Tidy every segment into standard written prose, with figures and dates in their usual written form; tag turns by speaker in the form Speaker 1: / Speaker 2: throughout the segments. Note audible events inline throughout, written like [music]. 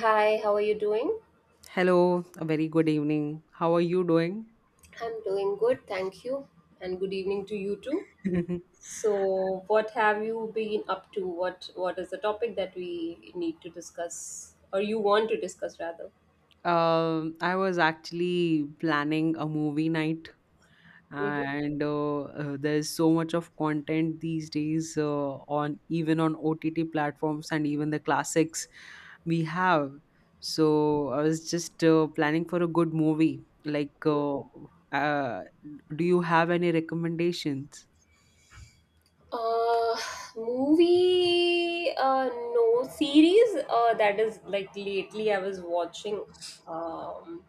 Speaker 1: Hi, how are you doing?
Speaker 2: Hello, a very good evening. How are you doing?
Speaker 1: I'm doing good, thank you. And good evening to you too.
Speaker 2: [laughs]
Speaker 1: So, what have you been up to? What is the topic that we need to discuss or you want to discuss rather?
Speaker 2: I was actually planning a movie night,
Speaker 1: hmm
Speaker 2: and there's so much of content these days on even on OTT platforms and even the classics we have. So I was just planning for a good movie. Uh, do you have any recommendations?
Speaker 1: Uh, movie no, series that is like lately I was watching um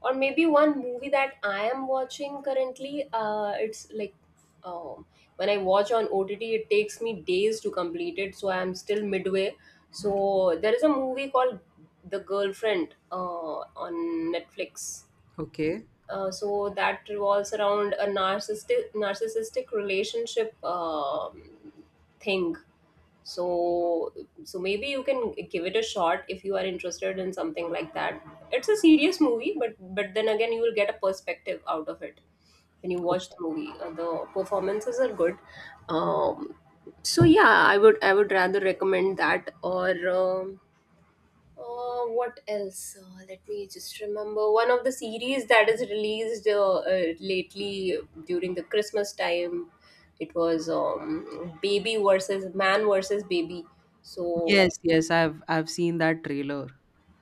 Speaker 1: or maybe one movie that I am watching currently. It's like um, when I watch on OTT, it takes me days to complete it, so I am still midway. So there is a movie called The Girlfriend on Netflix.
Speaker 2: Okay.
Speaker 1: So that revolves around a narcissistic relationship thing, so so maybe you can give it a shot if you are interested in something like that. It's a serious movie, but then again, you will get a perspective out of it when you
Speaker 2: Oh,
Speaker 1: watch the movie. The performances are good. um so yeah, I would rather recommend that. Or What else? Let me just remember one of the series that is released lately during the Christmas time. It was Baby versus Man versus Baby. So
Speaker 2: yes, yes, I've seen that trailer.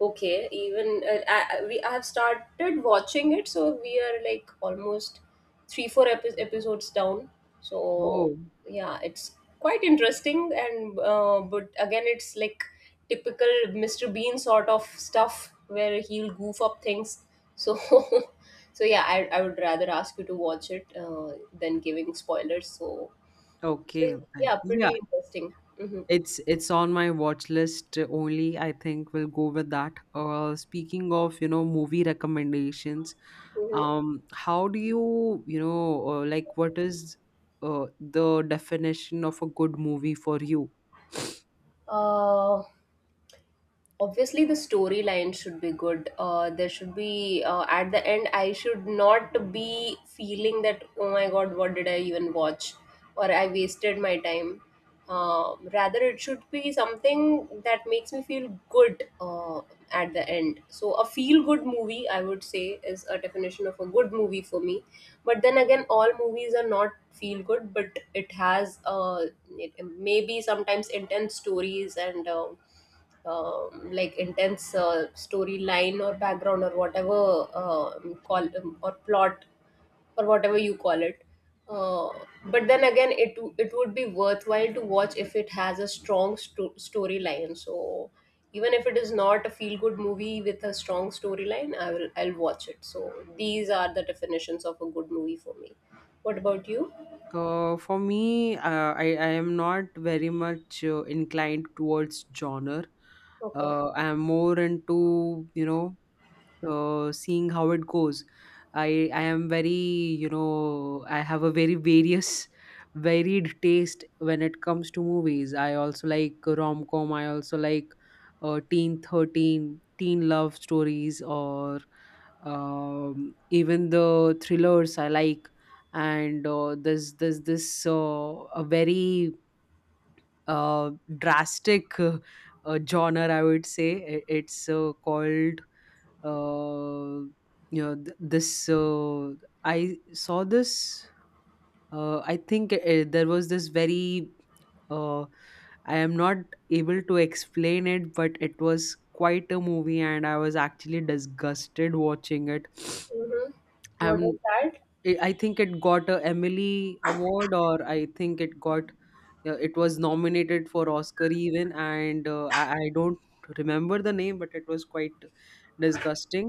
Speaker 1: okay, even I- we I have started watching it, so we are like almost 3 4 episodes down. So
Speaker 2: Oh.
Speaker 1: yeah, it's quite interesting, and but again, it's like typical Mr. Bean sort of stuff where he'll goof up things. So [laughs] so yeah, I would rather ask you to watch it than giving spoilers. So so
Speaker 2: Okay.
Speaker 1: yeah,
Speaker 2: Yeah,
Speaker 1: pretty interesting. hmm
Speaker 2: it's on my watch list only. I think we'll go with that. Speaking of, you know, movie recommendations,
Speaker 1: hmm
Speaker 2: how do you, you know, like what is the definition of a good movie for you?
Speaker 1: Uh, Obviously the storyline should be good. There should be at the end I should not be feeling that, oh my god, what did I even watch, or I wasted my time. Rather, it should be something that makes me feel good at the end. So a feel good movie, I would say, is a definition of a good movie for me. But then again, all movies are not feel good, but it has maybe sometimes intense stories and like intense storyline or background or whatever, call, or plot or whatever you call it. Uh, but then again, it would be worthwhile to watch if it has a strong storyline. So even if it is not a feel good movie with a strong storyline, I'll watch it. So these are the definitions of a good movie for me. What about you?
Speaker 2: For me, I am not very much inclined towards genre.
Speaker 1: Okay.
Speaker 2: I am more into, you know, seeing how it goes. I am very, you know, I have a very various [laughs] varied taste when it comes to movies. I also like rom com. I also like teen 13, teen love stories, or even the thrillers I like. And there's this a very uh, drastic [laughs] genre, I would say. It's called uh, you know th- this I saw this, I think, there was this very uh, I am not able to explain it, but it was quite a movie and I was actually disgusted watching it.
Speaker 1: Mm-hmm. What
Speaker 2: um
Speaker 1: is that?
Speaker 2: I think it got a emily award, or I think it got, it was nominated for Oscar even, and I don't remember the name, but it was quite disgusting.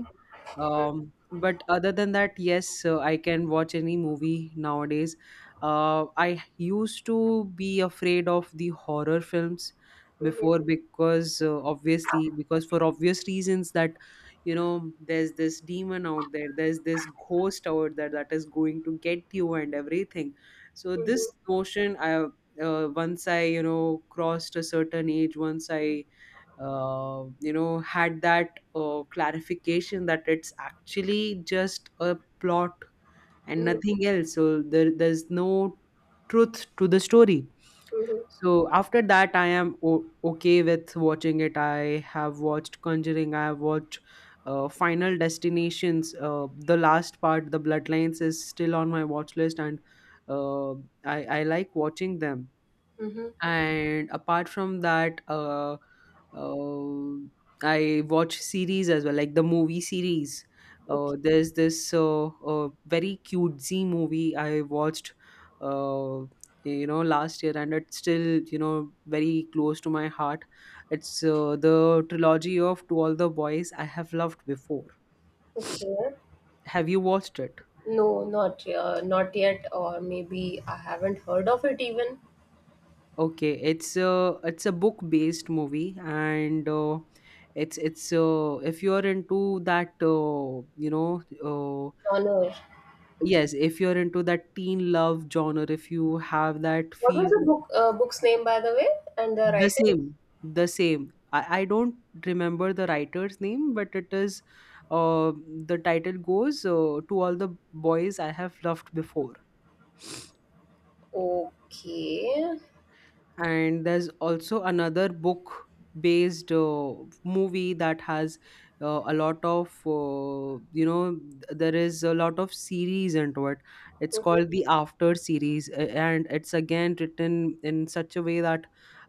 Speaker 2: um but other than that, yes, I can watch any movie nowadays. I used to be afraid of the horror films before,
Speaker 1: Mm-hmm.
Speaker 2: because obviously, because for obvious reasons that, you know, there's this demon out there, there's this ghost out there that is going to get you, and everything. So this
Speaker 1: Mm-hmm.
Speaker 2: notion, I once I, you know, crossed a certain age, once I, you know, had that clarification that it's actually just a plot and nothing else. So there's no truth to the story.
Speaker 1: Mm-hmm.
Speaker 2: So after that, I am okay with watching it. I have watched Conjuring. I have watched Final Destinations. The last part, the Bloodlines, is still on my watch list, and uh, I like watching them.
Speaker 1: Mm-hmm.
Speaker 2: And apart from that, uh, I watch series as well, like the movie series.
Speaker 1: Okay.
Speaker 2: There's this very cutesy movie I watched uh, you know, last year, and it's still, you know, very close to my heart. It's the trilogy of To All the Boys I Have Loved Before.
Speaker 1: Okay.
Speaker 2: Have you watched it?
Speaker 1: No, not not yet, or maybe I haven't heard of it even.
Speaker 2: Okay, it's a book based movie, and it's if you're into that,
Speaker 1: Genre.
Speaker 2: yes, if you're into that teen love genre, if you have that
Speaker 1: What was
Speaker 2: feel,
Speaker 1: the book book's name, by the way, and the
Speaker 2: the
Speaker 1: writer?
Speaker 2: same, the same. I don't remember the writer's name, but it is, uh, the title goes, To All the Boys I Have Loved Before.
Speaker 1: Okay.
Speaker 2: And there's also another book based movie that has a lot of there is a lot of series into it. It's called the After series, and it's again written in such a way that,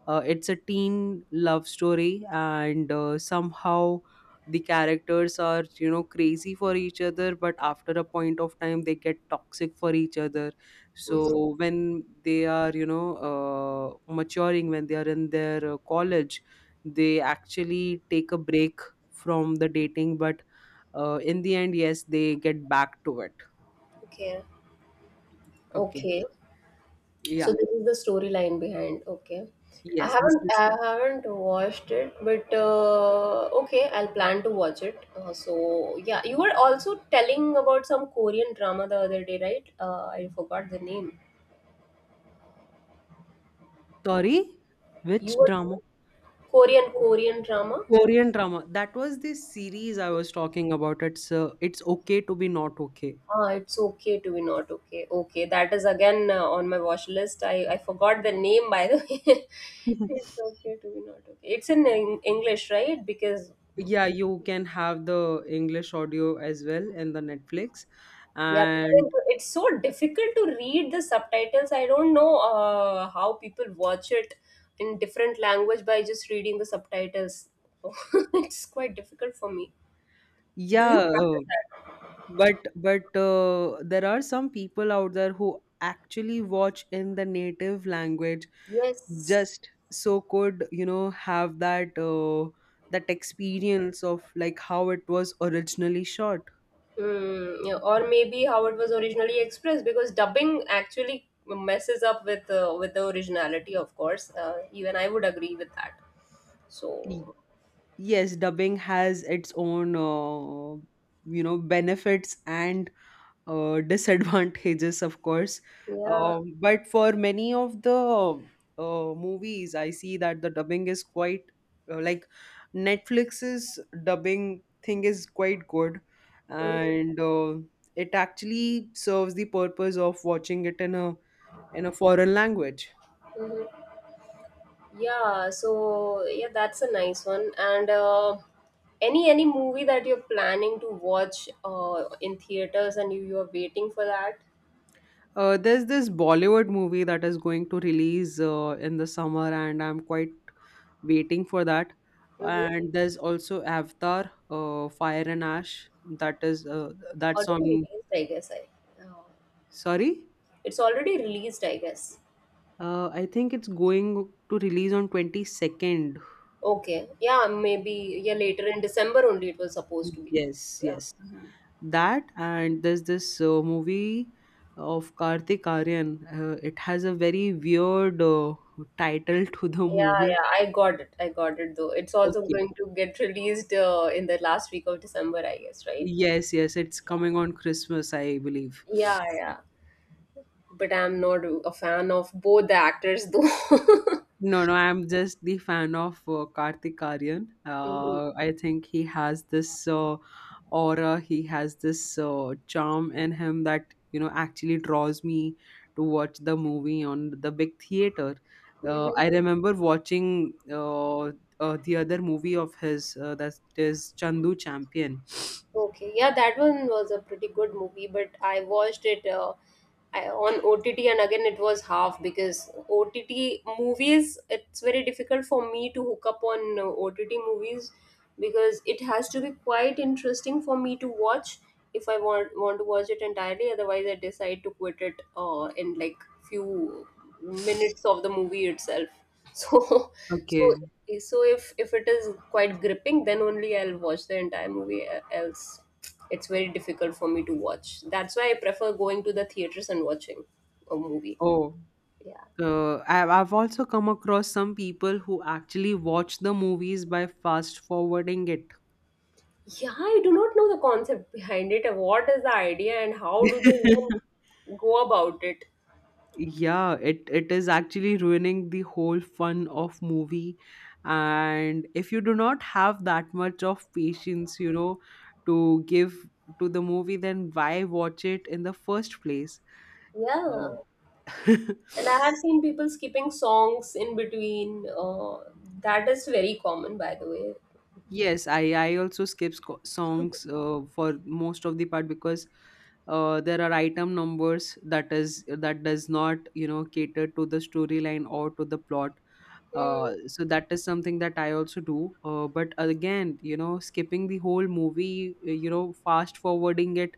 Speaker 2: it's a teen love story, and, somehow the characters are, you know, crazy for each other, but after a point of time they get toxic for each other.
Speaker 1: hmm
Speaker 2: So when they are, you know, maturing, when they are in their college, they actually take a break from the dating, but, in the end, yes, they get back to it.
Speaker 1: Okay.
Speaker 2: Okay.
Speaker 1: Okay. So
Speaker 2: Yeah.
Speaker 1: this is the storyline behind. Okay. I
Speaker 2: Yes, this
Speaker 1: haven't
Speaker 2: is.
Speaker 1: I haven't watched it, but okay, I'll plan to watch it. So yeah, you were also telling about some Korean drama the other day, right? I forgot the name.
Speaker 2: Sorry, which
Speaker 1: You were
Speaker 2: drama?
Speaker 1: Korean drama?
Speaker 2: Korean drama, that was the series I was talking about. It's It's Okay to Be Not Okay.
Speaker 1: Ah, it's okay to be not okay. Okay, that is again on my watch list. I forgot the name, by the way. [laughs] It's
Speaker 2: [laughs]
Speaker 1: okay to be not okay. It's in English, right? Because
Speaker 2: Yeah, you can have the English audio as well in the Netflix,
Speaker 1: yeah, because
Speaker 2: and
Speaker 1: it's so difficult to read the subtitles. I don't know how people watch it in different language by just reading the subtitles. [laughs] So it's quite difficult for me. Do you
Speaker 2: yeah. uh,
Speaker 1: practice that?
Speaker 2: But but uh, there are some people out there who actually watch in the native language,
Speaker 1: Yes.
Speaker 2: just so could, you know, have that that experience of like how it was originally shot.
Speaker 1: Mm, yeah, or maybe how it was originally expressed, because dubbing actually messes up with the originality, of course. Even I would agree with that.
Speaker 2: Y-
Speaker 1: So
Speaker 2: Yes, dubbing has its own, you know, benefits and disadvantages, of course.
Speaker 1: yeah.
Speaker 2: But for many of the movies, I see that the dubbing is quite, like, Netflix's dubbing thing is quite good,
Speaker 1: Mhm,
Speaker 2: and it actually serves the purpose of watching it in a foreign language.
Speaker 1: mhm. Yeah, so yeah, that's a nice one, and any movie that you're planning to watch in theaters, and you're waiting for that?
Speaker 2: There's this Bollywood movie that is going to release in the summer, and I'm quite waiting for that.
Speaker 1: Mm-hmm.
Speaker 2: And there's also Avatar, Fire and Ash. That is, that's
Speaker 1: Already
Speaker 2: on.
Speaker 1: released, I guess. I uh,
Speaker 2: Sorry,
Speaker 1: it's already released, I guess.
Speaker 2: I think it's going to release on 22nd.
Speaker 1: Okay. Yeah, maybe yeah, later in December only it was supposed to be.
Speaker 2: Yes,
Speaker 1: Yeah.
Speaker 2: yes, that, and there's this movie of Kartik Aryan. It has a very weird title to the
Speaker 1: Yeah,
Speaker 2: movie.
Speaker 1: yeah, I got it. I got it though. It's also
Speaker 2: Okay.
Speaker 1: going to get released in the last week of December, I guess, right?
Speaker 2: Yes, yes, it's coming on Christmas, I believe.
Speaker 1: Yeah, yeah. But I'm not a fan of both the actors though. [laughs]
Speaker 2: No, no, I'm just the fan of Kartik Aryan.
Speaker 1: Mhm.
Speaker 2: I think he has this aura, he has this charm in him that, you know, actually draws me to watch the movie on the big theater.
Speaker 1: Mhm.
Speaker 2: I remember watching the other movie of his, that is Chandu Champion.
Speaker 1: Okay, yeah, that one was a pretty good movie, but I watched it on OTT, and again it was half, because OTT movies, it's very difficult for me to hook up on OTT movies, because it has to be quite interesting for me to watch if I want to watch it entirely. Otherwise, I decide to quit it in like few minutes of the movie itself. [laughs] So, so
Speaker 2: Okay.
Speaker 1: okay, so if it is quite gripping, then only I'll watch the entire movie. Else, it's very difficult for me to watch. That's why I prefer going to the theaters and watching a movie.
Speaker 2: Oh.
Speaker 1: Yeah,
Speaker 2: I've also come across some people who actually watch the movies by fast forwarding it.
Speaker 1: yeah. I do not know the concept behind it. What is the idea and how do they
Speaker 2: [laughs]
Speaker 1: even go about it?
Speaker 2: Yeah, it is actually ruining the whole fun of movie. And if you do not have that much of patience, you know, to give to the movie, then why watch it in the first place?
Speaker 1: Yeah,
Speaker 2: Uh, [laughs]
Speaker 1: and I have seen people skipping songs in between. That is very common, by the way.
Speaker 2: Yes, I also skip songs for most of the part, because there are item numbers that is that does not, you know, cater to the storyline or to the plot.
Speaker 1: Hmm.
Speaker 2: So that is something that I also do. But again, you know, skipping the whole movie, you know, fast forwarding it,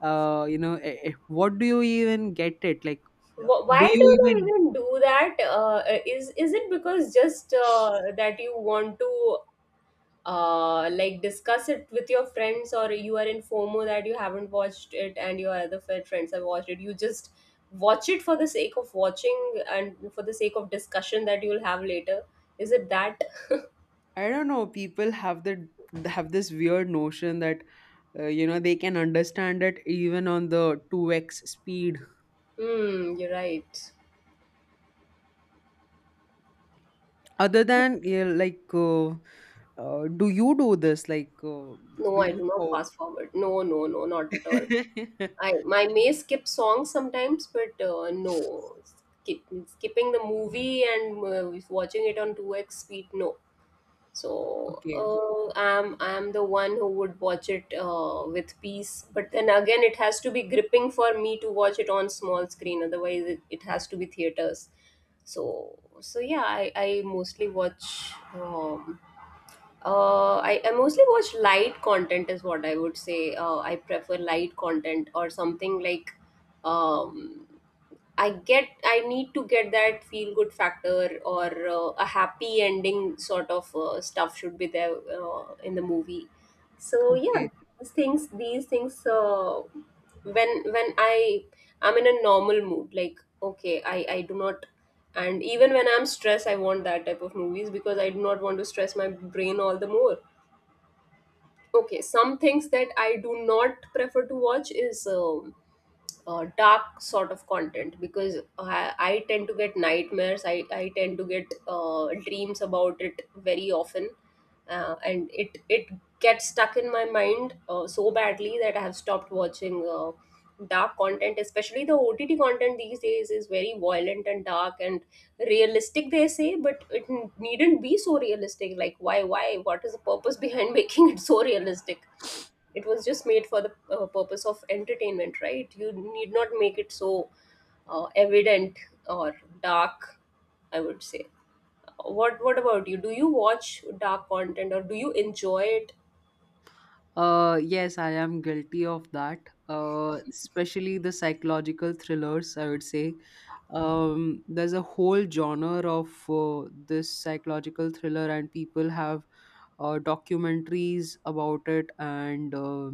Speaker 2: what do you even get it? Like, uh, do
Speaker 1: Why
Speaker 2: you
Speaker 1: do they
Speaker 2: even?
Speaker 1: even do that? Is it because just that you want to like discuss it with your friends, or you are in FOMO that you haven't watched it and your other friends have watched it? You just watch it for the sake of watching and for the sake of discussion that you'll have later. Is it that?
Speaker 2: I don't know. People have this weird notion that, you know, they can understand it even on the two x speed.
Speaker 1: Hmm, you're right.
Speaker 2: Other than yeah, like, do you do this? Like, do
Speaker 1: No, I
Speaker 2: you?
Speaker 1: do not fast forward. No, no, no, not at all.
Speaker 2: [laughs]
Speaker 1: I my may skip songs sometimes, but no, skipping the movie and watching it on two x speed, no. So
Speaker 2: Okay,
Speaker 1: uh, I'm the one who would watch it with peace, but then again, it has to be gripping for me to watch it on small screen. Otherwise, it has to be theaters. So so yeah, I mostly watch. I mostly watch light content is what I would say. I prefer light content or something like um, I get I need to get that feel good factor or a happy ending sort of stuff should be there in the movie. So yeah,
Speaker 2: okay.
Speaker 1: these things when I I'm in a normal mood, like okay, I do not, and even when I'm stressed, I want that type of movies, because I do not want to stress my brain all the more. Okay, some things that I do not prefer to watch is dark sort of content, because I tend to get nightmares. I tend to get dreams about it very often, and it gets stuck in my mind so badly that I have stopped watching dark content. Especially the OTT content these days is very violent and dark and realistic. They say, but it needn't be so realistic. Like why what is the purpose behind [laughs] making it so realistic? It was just made for the purpose of entertainment, right? You need not make it so evident or dark, I would say. What about you? Do you watch dark content or do you enjoy it?
Speaker 2: Yes, I am guilty of that. Especially the psychological thrillers. I would say, there's a whole genre of this psychological thriller, and people have documentaries about it, and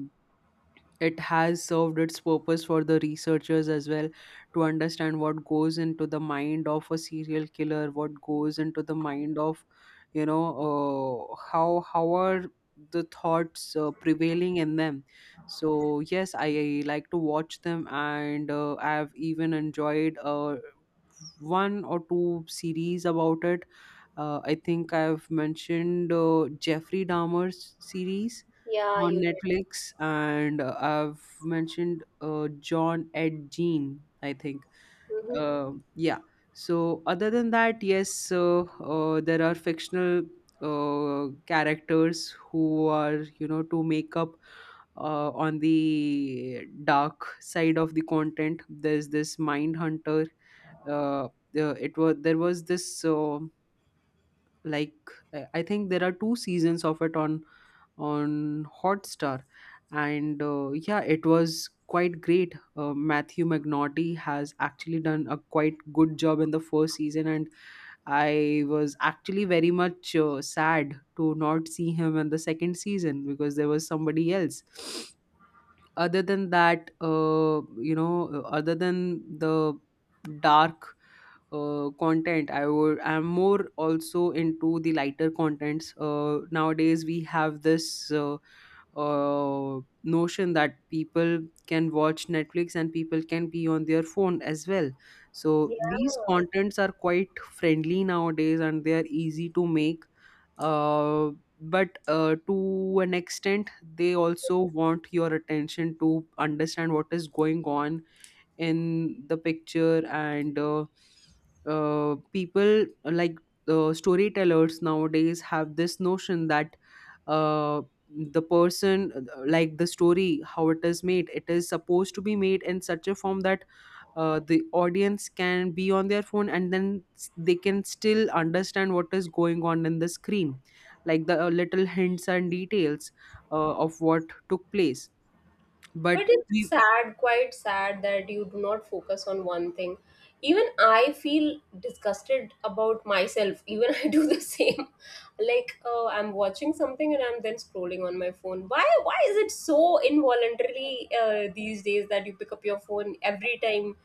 Speaker 2: it has served its purpose for the researchers as well to understand what goes into the mind of a serial killer, what goes into the mind of, you know, how are the thoughts prevailing in them. So yes, I like to watch them, and I have even enjoyed one or two series about it. I think I've mentioned Jeffrey Dahmer's series
Speaker 1: Yeah,
Speaker 2: on
Speaker 1: you did.
Speaker 2: Netflix, and I've mentioned John Ed Gein, I think.
Speaker 1: hmm
Speaker 2: Yeah. So, other than that, yes, there are fictional characters who are, you know, to make up on the dark side of the content. There's this mind hunter, the- it was there was this, like, I think there are two seasons of it on hotstar, and, yeah, it was quite great. Matthew McNaughty has actually done a quite good job in the first season, and I was actually very much sad to not see him in the second season, because there was somebody else. [sniffs] Other than that, you know, other than the dark content, I'm more also into the lighter contents. Nowadays we have this notion that people can watch Netflix, and people can be on their phone as well. So these contents are quite friendly nowadays, and they are easy to make, uh, but to an extent they also want your attention to understand what is going on in the picture, and, people, like, the storytellers nowadays have this notion that, uh, the person like the story, how it is made, it is supposed to be made in such a form that, the audience can be on their phone, and then they can still understand what is going on in the screen, like the little hints and details of what took place. But
Speaker 1: But it's
Speaker 2: we
Speaker 1: sad, quite sad, that you do not focus on one thing. Even I feel disgusted about myself. Even [laughs] I do the same. Like, oh, I'm watching something and I'm then scrolling on my phone. Why? Why is it so involuntarily these days that you pick up your phone every time?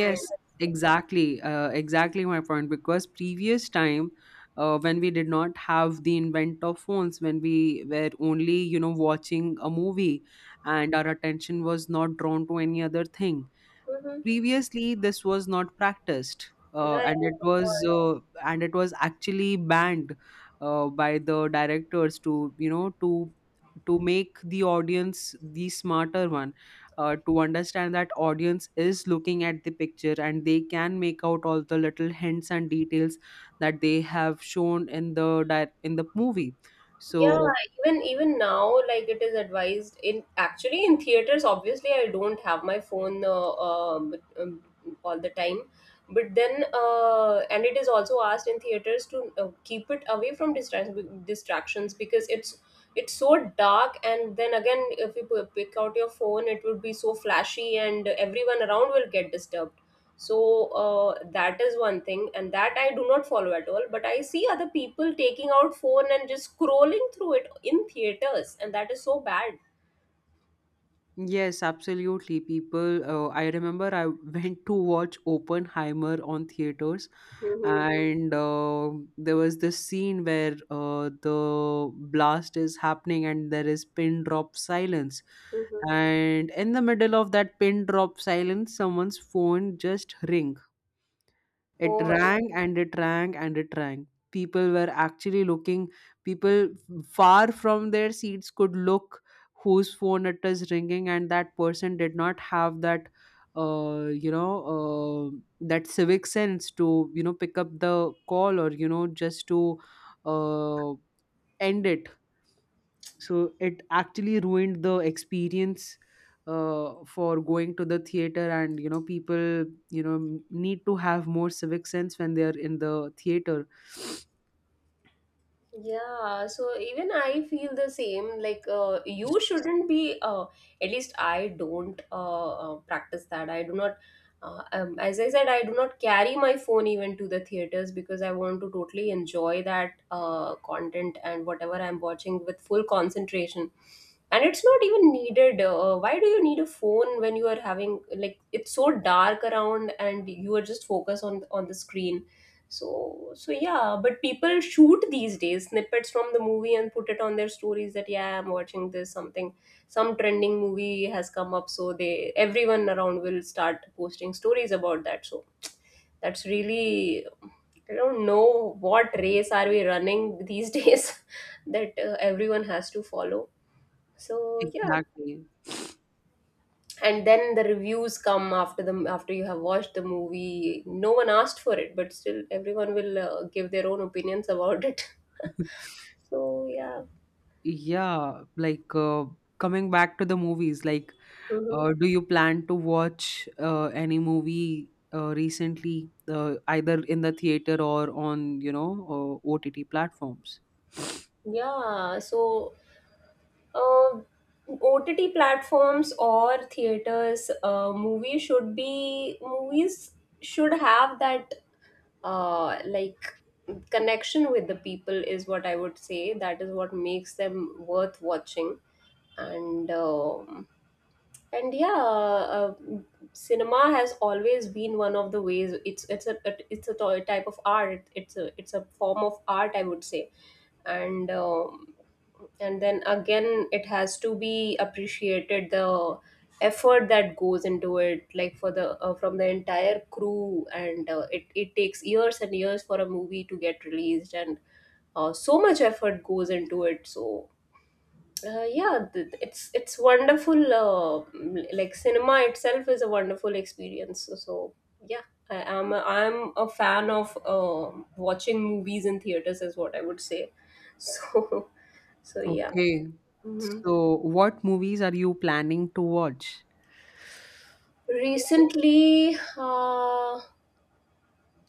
Speaker 1: And
Speaker 2: exactly. Exactly my point. Because previous time, when we did not have the invent of phones, when we were only, you know, watching a movie, and our attention was not drawn to any other thing,
Speaker 1: Mhm.
Speaker 2: previously this was not practiced,
Speaker 1: Right, of course.
Speaker 2: and it was actually banned by the directors, to, you know, to make the audience the smarter one, to understand that audience is looking at the picture, and they can make out all the little hints and details that they have shown in the in the movie.
Speaker 1: Yeah,
Speaker 2: So
Speaker 1: even even now, like it is advised in actually in theaters. Obviously, I don't have my phone all the time, but then and it is also asked in theaters to keep it away from distractions because it's so dark. And then again, if you pick out your phone, it would be so flashy, and everyone around will get disturbed. So that is one thing and that I do not follow at all, but I see other people taking out phone and just scrolling through it in theaters, and that is so bad.
Speaker 2: yes, absolutely, people, I remember I [laughs] went to watch Oppenheimer on theaters, and there was this scene where the blast is happening and there is pin drop silence, and in the middle of that pin drop silence someone's phone just ring, it
Speaker 1: Oh my.
Speaker 2: rang and it rang and it rang. People were actually looking, people far from their seats could look whose phone it is ringing, and that person did not have that. You know, that civic sense to, you know, pick up the call, or, you know, just to uh, end it. So it actually ruined the experience for going to the theater, and, you know, people, you know, need to have more civic sense when they are in the theater.
Speaker 1: Yeah, so even I feel the same. Like, you shouldn't be, at least I don't practice that. I do not, as I said, I do not carry my phone even to the theaters, because I want to totally enjoy that content and whatever I'm watching with full concentration. And it's not even needed. Why do you need a phone when you are having, like, it's so dark around and you are just focused on the screen? So yeah, but people shoot these days snippets from the movie and put it on their stories that yeah, I'm watching this something, some trending movie has come up, so they everyone around will start posting stories about that. So that's really, I don't know what race are we running these [laughs] days that everyone has to follow. So yeah,
Speaker 2: Exactly.
Speaker 1: and then the reviews come after the after you have watched the movie. No one asked for it, but still everyone will give their own opinions about it. [laughs]
Speaker 2: [laughs]
Speaker 1: So yeah.
Speaker 2: Yeah, like, coming back to the movies, like,
Speaker 1: Mhm.
Speaker 2: do you plan to watch any movie recently, either in the theater or on, you know, OTT platforms?
Speaker 1: Yeah, so uh, OTT platforms or theaters, movies should have that uh, like connection with the people is what I would say. That is what makes them worth watching. And um and yeah, uh, cinema has always been one of the ways. It's a Type of art. It's a form of art, I would say. And um, and then again, it has to be appreciated, the effort that goes into it, like for the from the entire crew. And it takes years and years for a movie to get released, and so much effort goes into it. So yeah, it's wonderful. Like cinema itself is a wonderful experience. So, yeah, I'm a fan of watching movies in theaters is what I would say. So [laughs] so yeah.
Speaker 2: Okay.
Speaker 1: Hmm.
Speaker 2: So, what movies are you planning to watch?
Speaker 1: Recently, uh,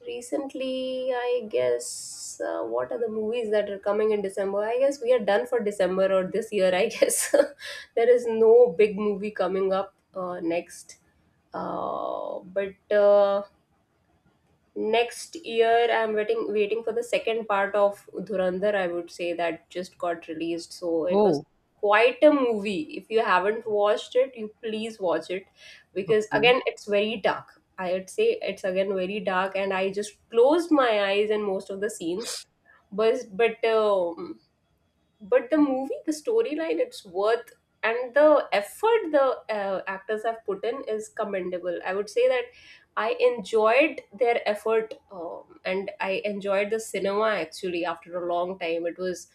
Speaker 1: Recently, I guess, what are the movies that are coming in December? I guess we are done for December or this year, I guess. [laughs] There is no big movie coming up next. But Next year I'm waiting for the second part of Dhurandhar, I would say. That just got released, so it was
Speaker 2: Oh,
Speaker 1: quite a movie. If you haven't watched it, you please watch it, because
Speaker 2: okay.
Speaker 1: again it's very dark, I would say. It's again very dark and I just closed my eyes in most of the scenes. But but the movie, the storyline, it's worth, and the effort the actors have put in is commendable, I would say. That I enjoyed their effort, and I enjoyed the cinema. Actually, after a long time, it was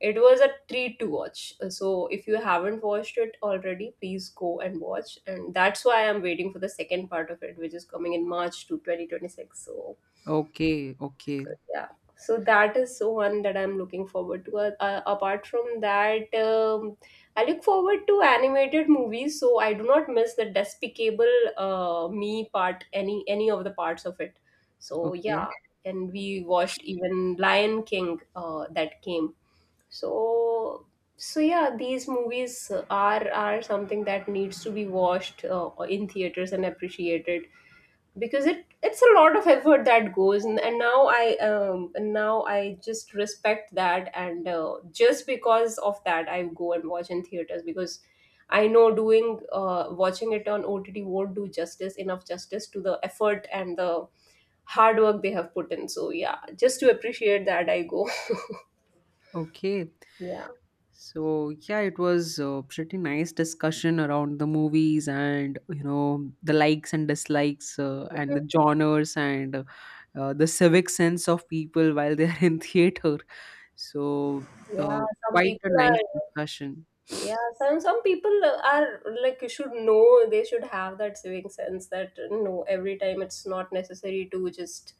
Speaker 1: it was a treat to watch. So if you haven't watched it already, please go and watch. And that's why I'm waiting for the second part of it, which is coming in march to 2026. So
Speaker 2: Okay, okay,
Speaker 1: so yeah, so that is one that I'm looking forward to. Apart from that, I look forward to animated movies, so I do not miss the Despicable Me part, any of the parts of it. So
Speaker 2: okay,
Speaker 1: yeah, and we watched even Lion King that came. So so yeah, these movies are something that needs to be watched in theaters and appreciated, because it's a lot of effort that goes. And now I just respect that, and just because of that I go and watch in theaters, because I know doing watching it on OTT won't do justice, enough justice to the effort and the hard work they have put in. So yeah, just to appreciate that, I go.
Speaker 2: okay.
Speaker 1: [laughs] Yeah.
Speaker 2: So, yeah, it was a pretty nice discussion around the movies, and, you know, the likes and dislikes, and the genres, and, the civic sense of people while they're [laughs] in theater. So, uh,
Speaker 1: yeah some
Speaker 2: quite a
Speaker 1: people
Speaker 2: nice
Speaker 1: are
Speaker 2: discussion.
Speaker 1: Yeah, some people are like, you should know, they should have that civic sense that no, every time it's not necessary to just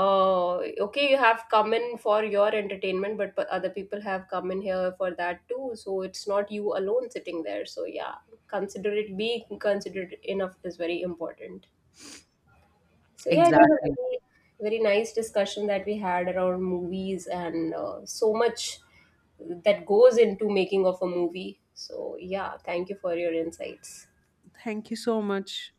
Speaker 1: uh okay, you have come in for your entertainment, but other people have come in here for that too, so it's not you alone sitting there. So yeah, consider it be considerate enough is very important. So yeah, it was a
Speaker 2: Exactly.
Speaker 1: very, very nice discussion that we had around movies, and so much that goes into making of a movie. So yeah, thank you for your insights.
Speaker 2: Thank you so much.